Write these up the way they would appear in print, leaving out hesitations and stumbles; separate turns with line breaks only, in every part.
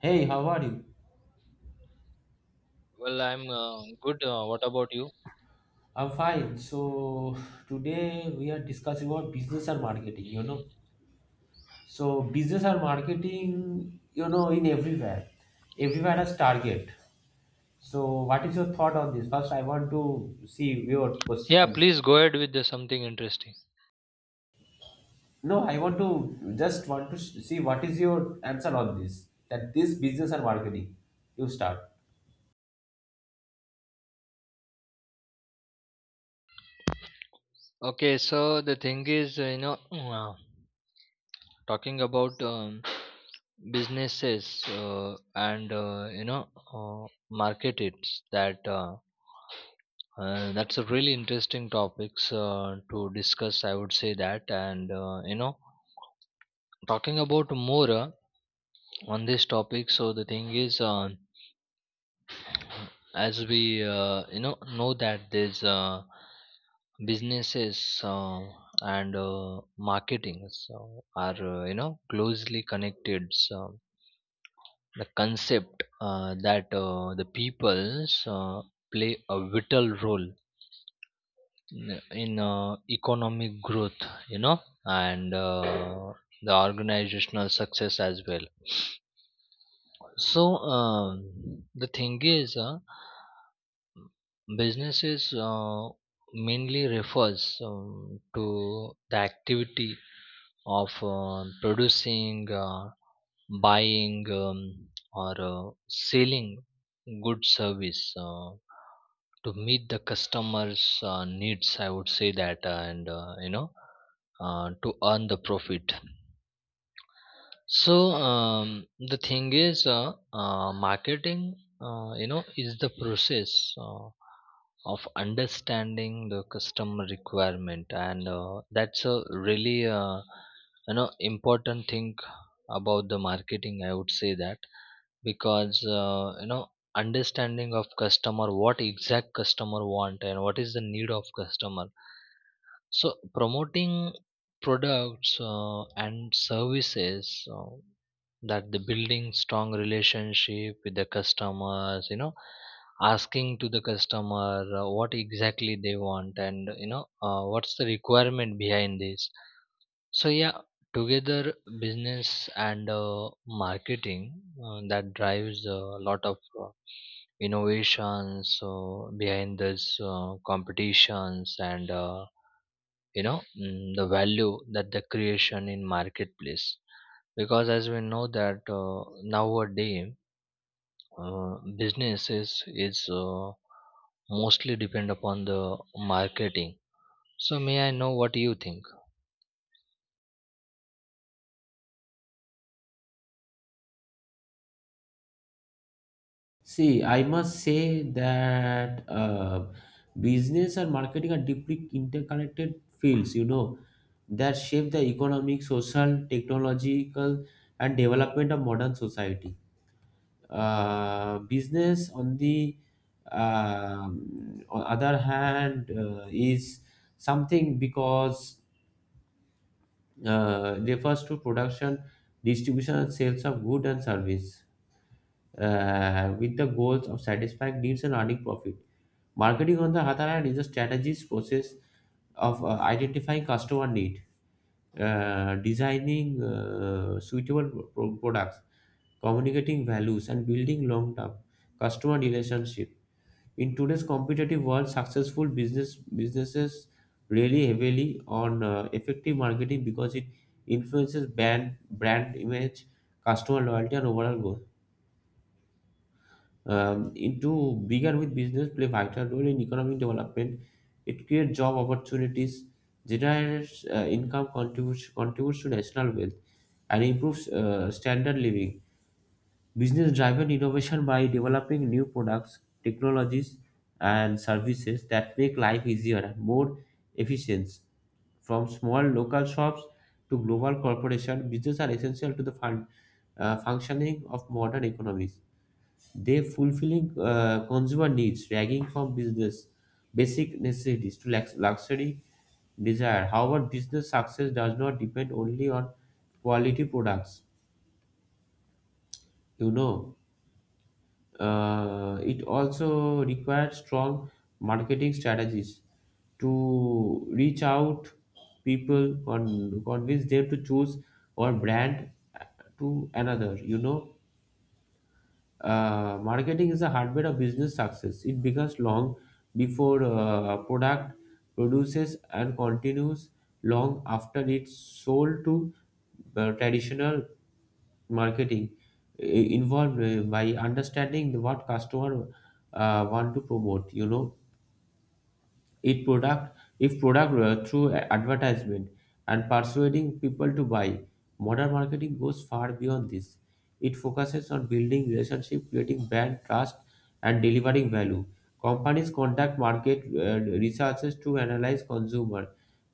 Hey, how are you?
Well, I'm good. What about you?
I'm fine. So today we are discussing about business and marketing, you know. So business and marketing, you know, in everywhere. Everywhere has target. So what is your thought on this? First, I want to see your
Yeah,
question.
please go ahead with the something interesting.
No, I want to just want to see what is your answer on this. That this business and marketing. You start.
Okay, so the thing is, talking about businesses and market it's that that's a really interesting topics to discuss, I would say that, and talking about more on this topic. So the thing is. As we know that there's businesses and marketing, so are closely connected, so the concept that the peoples play a vital role in economic growth, you know, and the organizational success as well. So um, the thing is, businesses mainly refers to the activity of producing, buying, or selling good service to meet the customers' needs, I would say that, to earn the profit. So the thing is, marketing, is the process of understanding the customer requirement, and that's a really, important thing about the marketing, I would say that, because understanding of customer, what exact customer want, and what is the need of customer, so promoting products and services that the building strong relationship with the customers, you know, asking to the customer what exactly they want, and you know what's the requirement behind this. So yeah, together business and marketing that drives a lot of uh, innovations behind this competitions and. The value that the creation in marketplace, because as we know that nowadays uh, businesses is mostly depend upon the marketing. So may I know what you think?
See, I must say that business and marketing are deeply interconnected fields, you know, that shape the economic, social, technological, and development of modern society. Business, on the on other hand, is something because refers to production, distribution, and sales of goods and service with the goals of satisfying needs and earning profit. Marketing, on the other hand, is a strategies process of identifying customer need, designing suitable products, communicating values, and building long-term customer relationship. In today's competitive world, successful businesses rely heavily on effective marketing because it influences brand image, customer loyalty, and overall growth into bigger with business play vital role in economic development. It creates job opportunities, generates income, contributes to national wealth, and improves standard living. Business-driven innovation by developing new products, technologies, and services that make life easier and more efficient. From small local shops to global corporations, business are essential to the functioning of modern economies. They fulfilling consumer needs, ranging from business basic necessities to luxury desire. However, business success does not depend only on quality products. You know, it also requires strong marketing strategies to reach out people, convince them to choose our brand to another. You know. Marketing is the heartbeat of business success. It begins long before product produces and continues long after it's sold to traditional marketing involved by understanding what customer want to promote. You know, it product if product through advertisement and persuading people to buy modern marketing goes far beyond this. It focuses on building relationship, creating brand trust, and delivering value. Companies conduct market researches to analyze consumer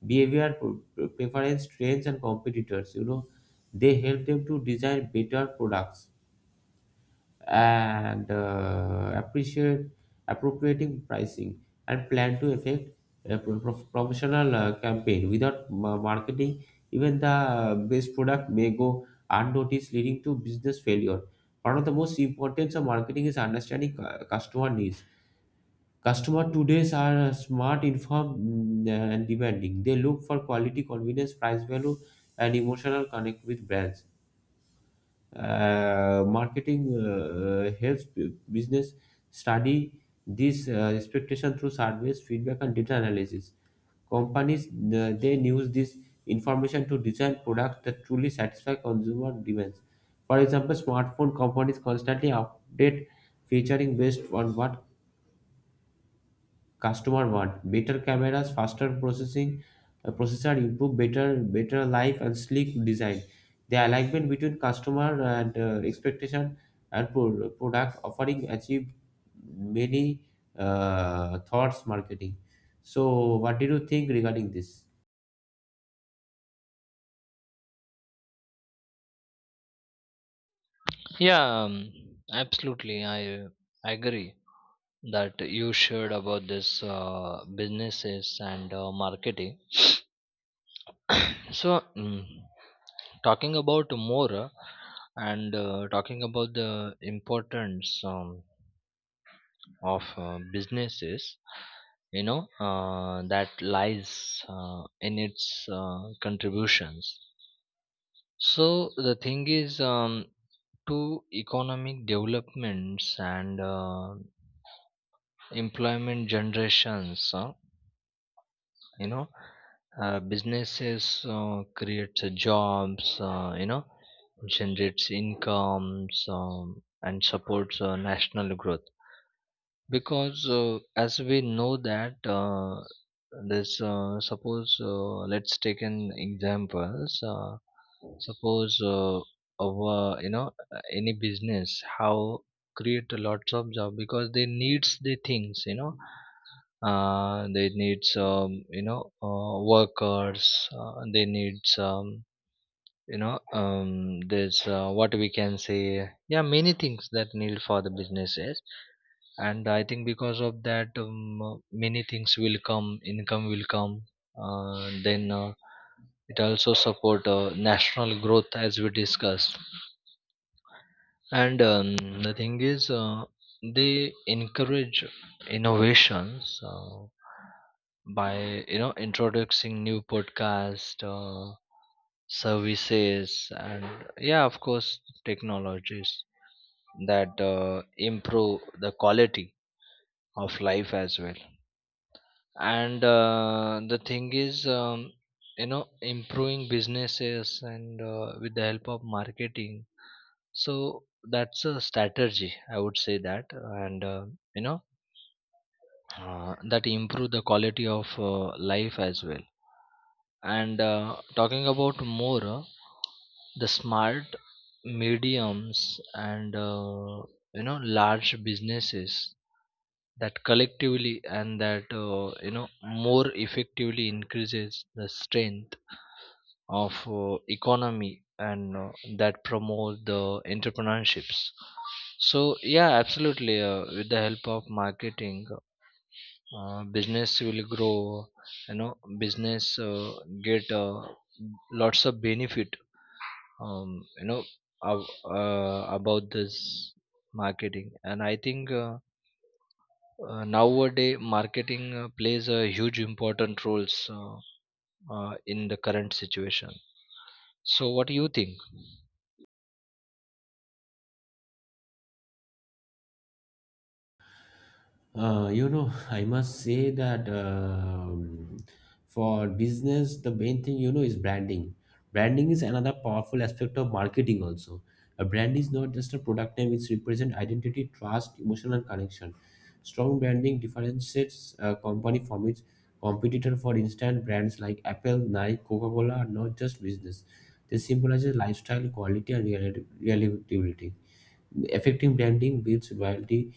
behavior, preference, trends and competitors, you know, they help them to design better products and appreciate appropriating pricing and plan to effect a promotional campaign. Without marketing, even the best product may go unnoticed, leading to business failure. One of the most importance of marketing is understanding customer needs. Customer today's are smart, informed, and demanding. They look for quality, convenience, price, value and emotional connect with brands. Marketing helps business study this expectation through surveys, feedback and data analysis. Companies, they use this information to design products that truly satisfy consumer demands. For example, smartphone companies constantly update featuring based on what customer want: better cameras, faster processing processor, improve better life and sleek design. The alignment between customer and expectation and product offering achieve many thoughts marketing. So what did you think regarding this?
Yeah, absolutely, I agree that you shared about this businesses and marketing. So, talking about more and talking about the importance, of businesses, you know, that lies in its contributions. So, the thing is, to economic developments and employment generations, you know businesses creates jobs, generates incomes, and supports national growth, because as we know that this suppose let's take an examples, suppose our you know any business how create lots of job because they needs the things, you know, they need some you know workers, they need some you know, there's what we can say, yeah, many things that need for the businesses, and I think because of that, many things will come, income will come, then it also support national growth as we discussed. And the thing is, they encourage innovations by you know introducing new podcast, services, and yeah, of course, technologies that improve the quality of life as well. And the thing is, improving businesses and with the help of marketing, so that's a strategy, I would say that, and you know that improve the quality of life as well. And talking about more, the smart mediums and large businesses that collectively and that more effectively increases the strength of economy, and that promote the entrepreneurships. So yeah, absolutely, with the help of marketing, business will grow, you know, business get lots of benefit, um, you know about this marketing, and I think nowadays marketing plays a huge important roles in the current situation. So what do you think?
You know, I must say that for business, the main thing, you know, is branding. Branding is another powerful aspect of marketing. Also, a brand is not just a product name; it represents identity, trust, emotional connection. Strong branding differentiates a company from its competitor. For instance, brands like Apple, Nike, Coca-Cola are not just business; they symbolize lifestyle, quality, and relatability. Effective branding builds loyalty,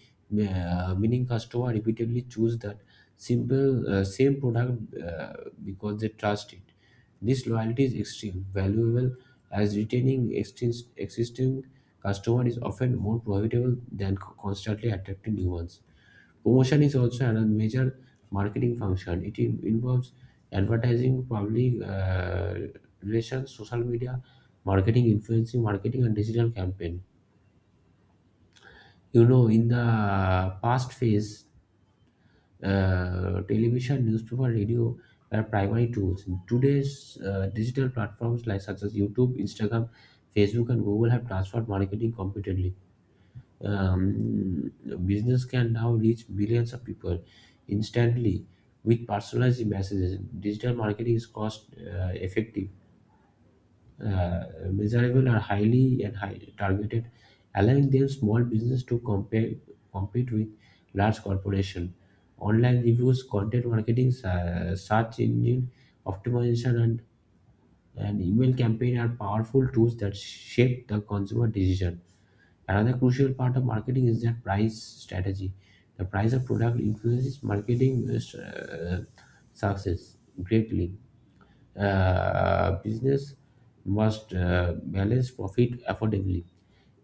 meaning customer repeatedly choose that simple same product, because they trust it. This loyalty is extreme valuable, as retaining existing customer is often more profitable than constantly attracting new ones. Promotion is also another major marketing function. It involves advertising, public relations, social media, marketing, influencing marketing, and digital campaign. You know, in the past phase, television, newspaper, radio were primary tools. In today's digital platforms like such as YouTube, Instagram, Facebook, and Google have transformed marketing competently. Um, Business can now reach billions of people instantly with personalized messages. Digital marketing is cost effective, uh, measurable are highly and high targeted, allowing them small business to compete with large corporation. Online reviews, content marketing, search engine optimization, and email campaign are powerful tools that shape the consumer decision. Another crucial part of marketing is their price strategy. The price of product influences marketing success greatly. Business must balance profit affordably.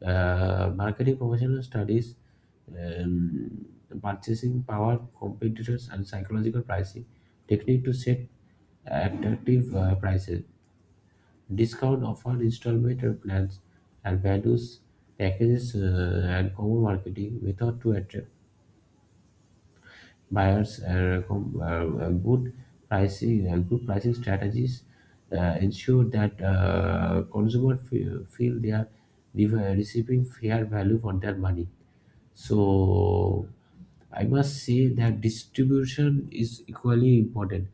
Marketing professional studies um, purchasing power, competitors, and psychological pricing technique to set attractive prices. Discounts offered installment plans and values packages and common marketing method to attract buyers good pricing and good pricing strategies ensure that consumers feel they are re- receiving fair value for their money. So I must say that distribution is equally important.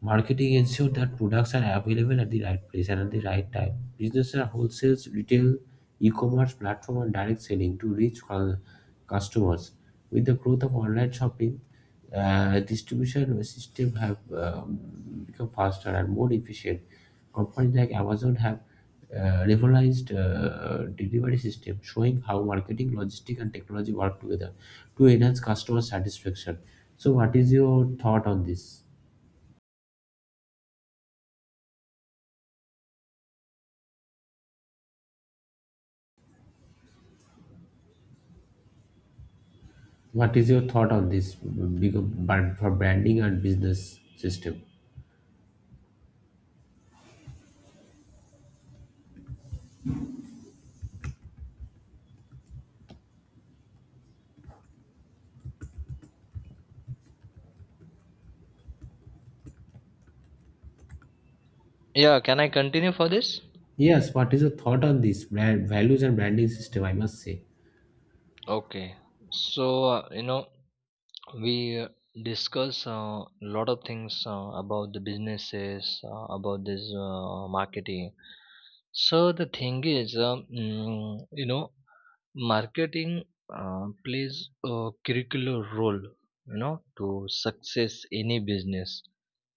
Marketing ensures that products are available at the right place and at the right time. Businesses are wholesales, retail, e-commerce platform, and direct selling to reach customers. With the growth of online shopping, distribution system have become faster and more efficient. Companies like Amazon have revolutionized delivery system, showing how marketing, logistics, and technology work together to enhance customer satisfaction. So, what is your thought on this? What is your thought on this big brand for branding and business system?
Yeah, can I continue for this?
Yes, what is your thought on this brand values and branding system? I must say.
Okay. So, we discuss a lot of things about the businesses, about this marketing. So, the thing is, marketing plays a curricular role, you know, to success any business,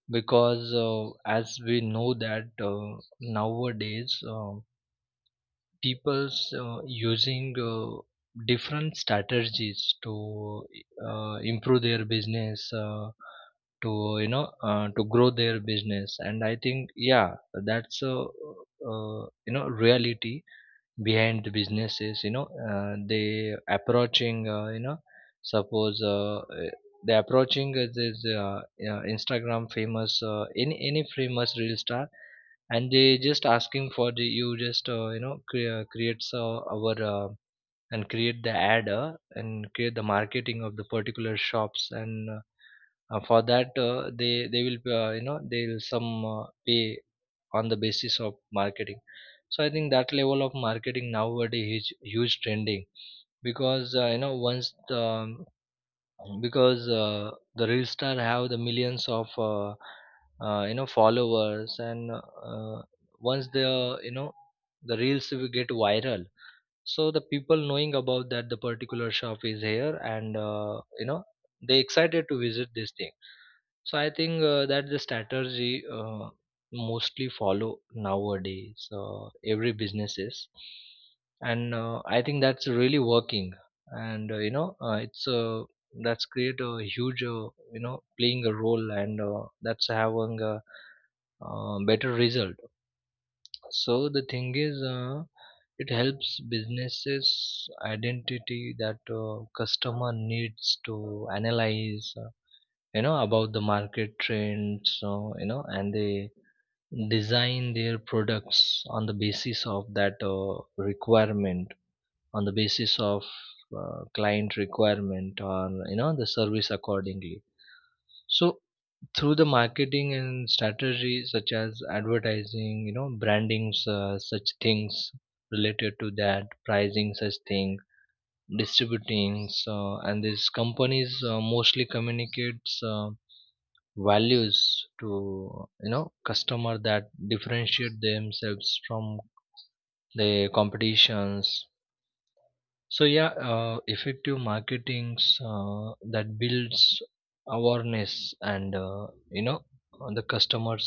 because as we know that nowadays, people's using different strategies to improve their business to you know to grow their business, and I think yeah, that's a reality behind the businesses, you know, they approaching you know suppose they approaching this Instagram famous, any famous real star, and they just asking for the you just creates our and create the ad, and create the marketing of the particular shops and for that they will they will some pay on the basis of marketing. So I think that level of marketing nowadays is huge trending, because once the, because the real star have the millions of followers and uh, once the, you know, the reels will get viral, so the people knowing about that the particular shop is here, and they excited to visit this thing. So I think that's the strategy mostly follow nowadays. Every businesses, and I think that's really working. And you know, it's that's create a huge playing a role, and that's having a better result. So the thing is, it helps businesses identity that customer needs to analyze, about the market trends, so you know, and they design their products on the basis of that requirement, on the basis of client requirement, or you know the service accordingly. So through the marketing and strategy such as advertising, you know, brandings, such things related to that, pricing, such thing, distributing. So, and these companies mostly communicates values to you know customer, that differentiate themselves from the competitions. So yeah, effective marketings that builds awareness and on the customers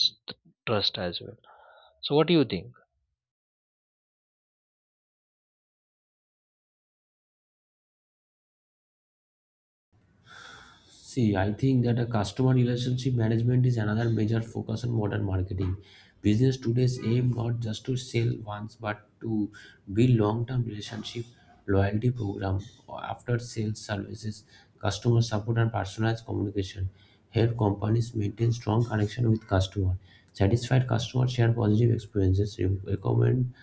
trust as well. So what do you think?
See, I think that a customer relationship management is another major focus on modern marketing. Business today's aim not just to sell once but to build long-term relationship, loyalty program, after sales services, customer support and personalized communication. Help companies maintain strong connection with customer. Satisfied customers share positive experiences, recommend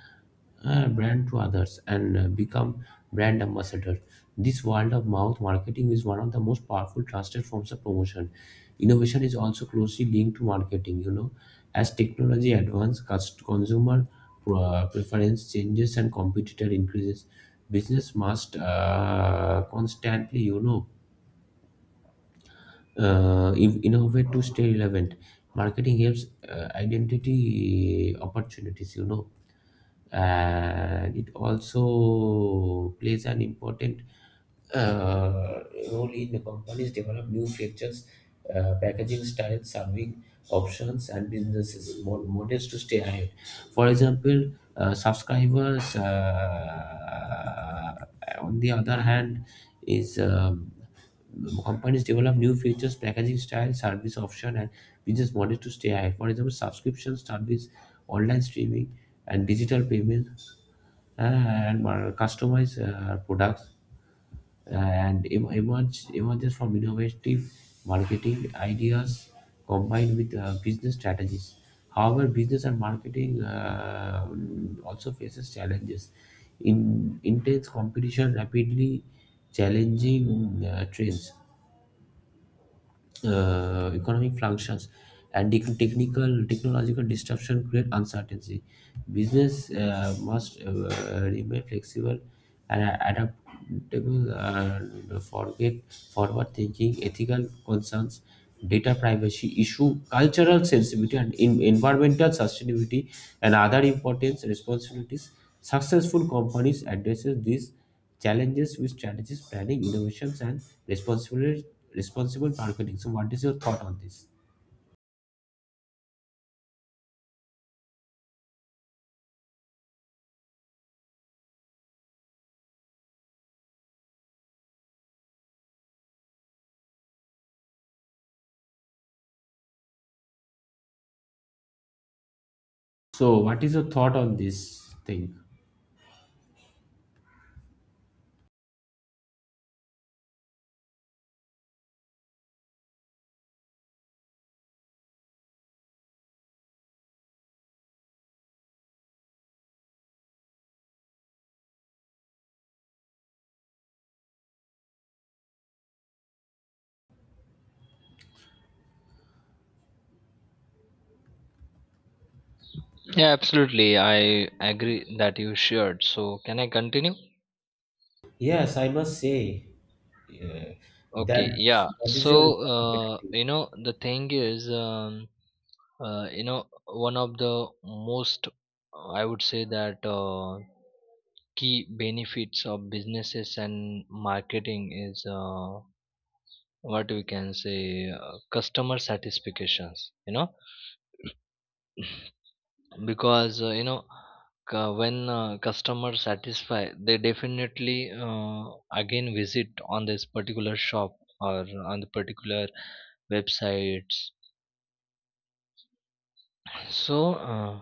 brand to others and become brand ambassadors. This word of mouth marketing is one of the most powerful trusted forms of promotion. Innovation is also closely linked to marketing. You know, as technology advances, consumer preference changes and competitor increases, business must constantly, you know, innovate to stay relevant. Marketing helps identity opportunities. You know, and it also plays an important uh, role in the companies develop new features, packaging styles, serving options, and businesses models to stay ahead. For example, subscribers on the other hand is, companies develop new features, packaging style, service option and business model to stay high. For example, subscription service, online streaming and digital payment and customized products and emerges from innovative marketing ideas combined with business strategies. However, business and marketing also faces challenges. In intense competition, rapidly challenging trends, economic fluctuations and tec- technical technological disruption create uncertainty. Business must remain flexible and adaptable and forget forward thinking, ethical concerns, data privacy issue, cultural sensitivity, and in, environmental sustainability and other important responsibilities. Successful companies addresses these challenges with strategies, planning, innovations, and responsible responsible marketing. So, what is your thought on this? So, what is your thought on this thing?
Yeah, absolutely, I agree that you shared. So can I continue?
Yes, I must say uh, that
Okay, yeah.
that is
So
your responsibility.
the thing is, one of the most, I would say that, key benefits of businesses and marketing is what we can say, customer satisfactions, you know, because when customers satisfy, they definitely again visit on this particular shop or on the particular websites. So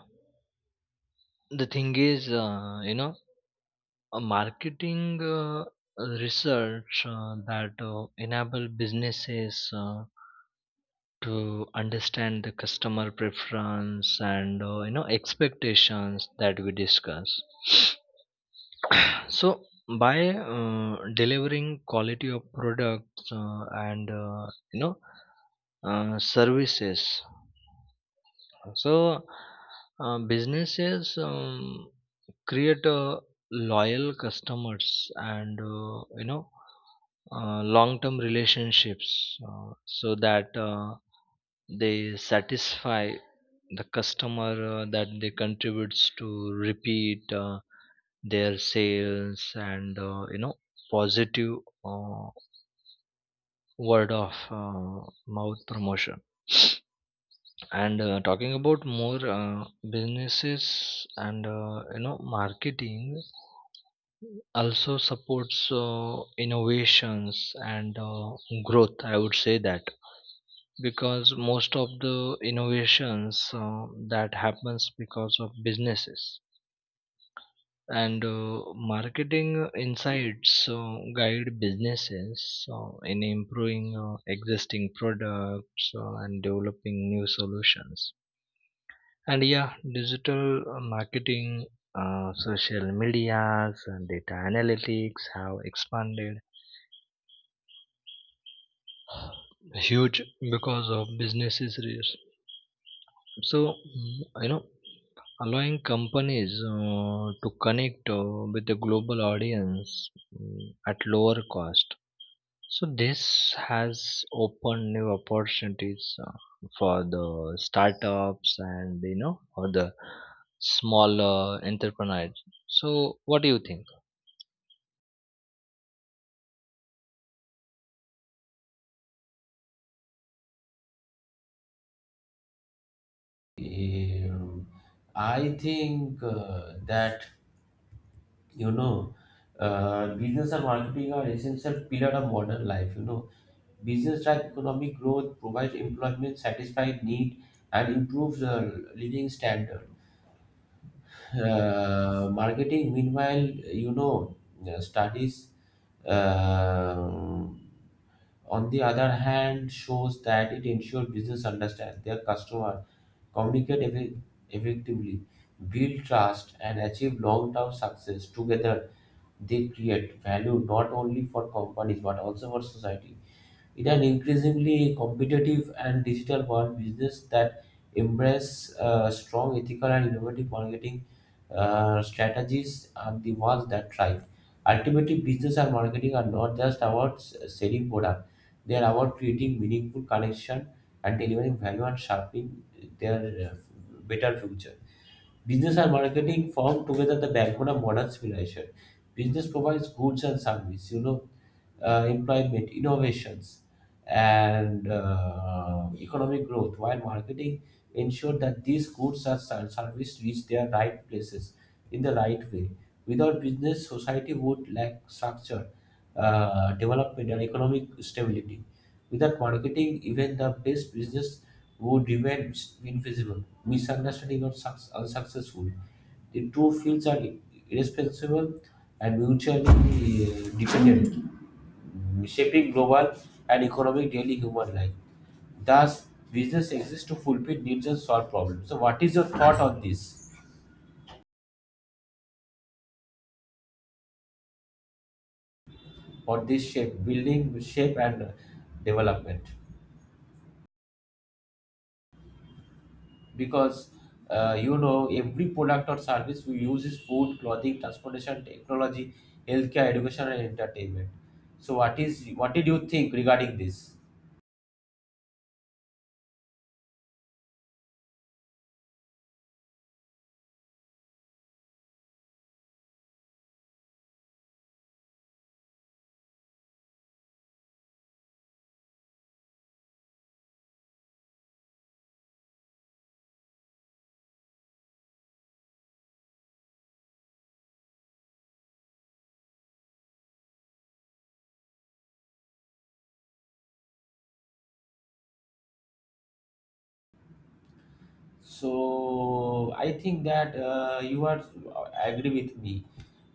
the thing is, a marketing research that enable businesses to understand the customer preference and expectations that we discuss. So by delivering quality of products and you know services. So, businesses create loyal customers and long-term relationships so that they satisfy the customer that they contributes to repeat their sales and positive uh, word of mouth promotion. And talking about more businesses and marketing also supports innovations and growth, I would say that, because most of the innovations that happens because of businesses, and marketing insights guide businesses in improving existing products and developing new solutions. And yeah, digital marketing, social medias, and data analytics have expanded huge because of businesses reach. So mm, you know, allowing companies to connect with the global audience at lower cost. So this has opened new opportunities for the startups, and you know for the smaller entrepreneurs. So what do you think?
Um, I think that, you know, business and marketing are essential pillar of modern life. You know, business drive economic growth, provides employment, satisfies need, and improves living standard. Marketing, meanwhile, you know, uh, studies, uh, on the other hand, shows that it ensures business understand their customer, communicate effectively, build trust, and achieve long-term success. Together, they create value not only for companies but also for society. In an increasingly competitive and digital world, business that embrace strong ethical and innovative marketing strategies are the ones that thrive. Ultimately, business and marketing are not just about selling product; they are about creating meaningful connection and delivering value and sharpening their better future. Business and marketing form together the backbone of modern civilization. Business provides goods and services, you know, employment, innovations, and economic growth, while marketing ensure that these goods and services reach their right places in the right way. Without business, society would lack structure, development, and economic stability. Without marketing, even the best business would remain invisible, misunderstanding, or unsuccessful. The two fields are irresponsible and mutually dependent, shaping global and economic daily human life. Thus, business exists to fulfill needs and solve problems. So, what is your thought on this? For this shape building shape and development, because, you know, every product or service we use is food, clothing, transportation, technology, healthcare, education and entertainment. So what is, what did you think regarding this? So I think that you are agree with me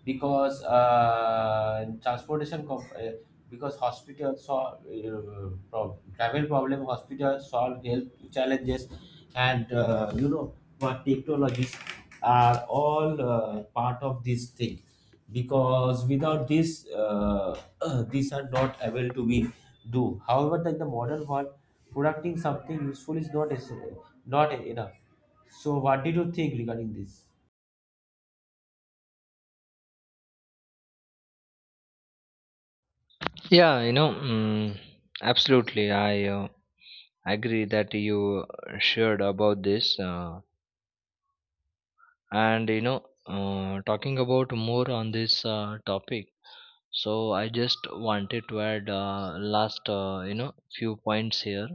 because hospitals solve travel problem, hospitals solve health challenges and, you know, what technologies are all part of this thing, because without this, these are not able to be do. However, in the modern world, producting something useful is not essential, not enough. So, what did you think regarding this?
Yeah, you know, absolutely. I agree that you shared about this, talking about more on this topic. So I just wanted to add last, few points here.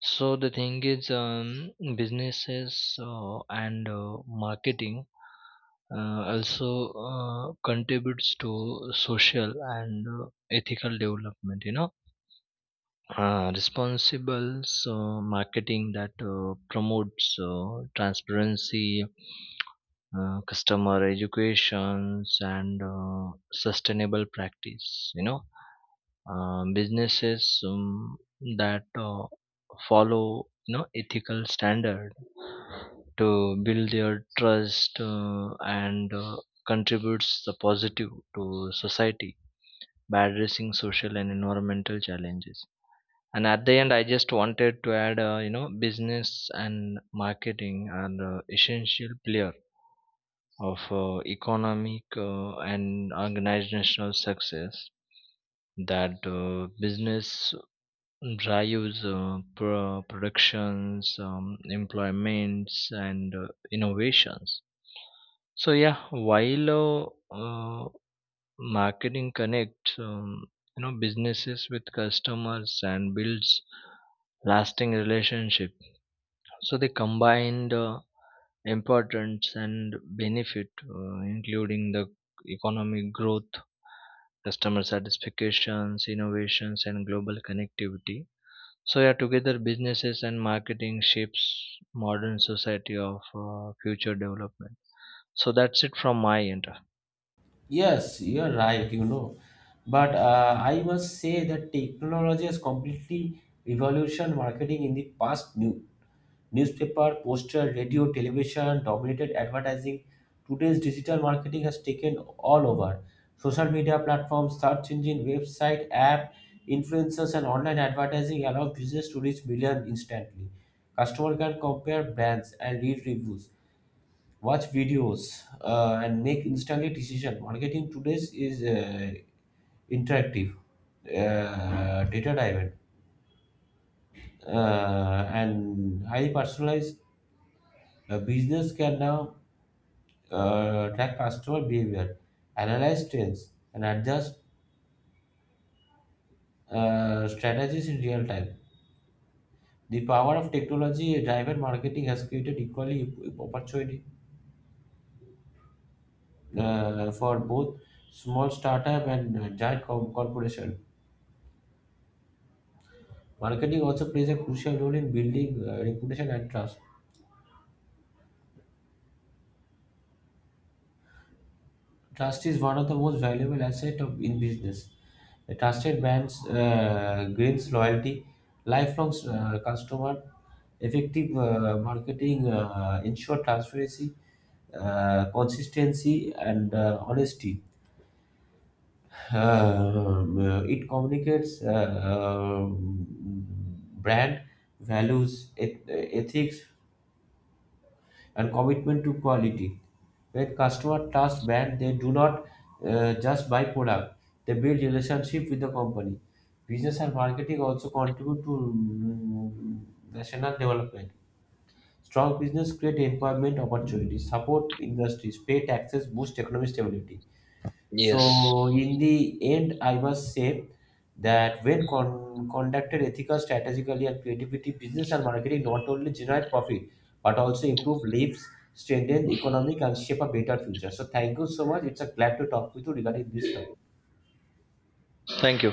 So the thing is, businesses and marketing also contributes to social and ethical development, you know, responsible so marketing that promotes transparency, customer educations, and sustainable practice, you know, businesses that follow you know ethical standard to build their trust, and contributes the positive to society by addressing social and environmental challenges. And at the end, I just wanted to add, business and marketing are essential player of economic and organizational success, that business drives productions, employments, and innovations. So yeah, while marketing connects, businesses with customers, and builds lasting relationship, so they combined importance and benefit, including the economic growth, customer satisfactions, innovations, and global connectivity. So yeah, together businesses and marketing shapes modern society of future development. So that's it from my end.
Yes, you're right, you know. But I must say that technology has completely revolutionized marketing in the past. Newspaper, poster, radio, television dominated advertising. Today's digital marketing has taken all over. Social media platforms, search engine, website, app, influencers, and online advertising allow business to reach millions instantly. Customer can compare brands and read reviews, watch videos, and make instantly decision. Marketing today is interactive, data driven, and highly personalized. A business can now track customer behavior, analyze trends, and adjust strategies in real time. The power of technology-driven marketing has created equally opportunity for both small startup and giant corporation. Marketing also plays a crucial role in building reputation and trust. Trust is one of the most valuable assets of in business. A trusted brand gains loyalty, lifelong customer, effective marketing, ensure transparency, consistency, and honesty. It communicates brand values, ethics, and commitment to quality. When customer trust brand, they do not just buy product; they build relationship with the company. Business and marketing also contribute to national development. Strong business create employment opportunities, support industries, pay taxes, boost economic stability.
Yes.
So in the end, I must say that when conducted ethical, strategically, and creativity, business and marketing not only generate profit but also improve lives, strengthen economic, and shape a better future. So thank you so much. It's a glad to talk with you regarding this topic.
Thank you.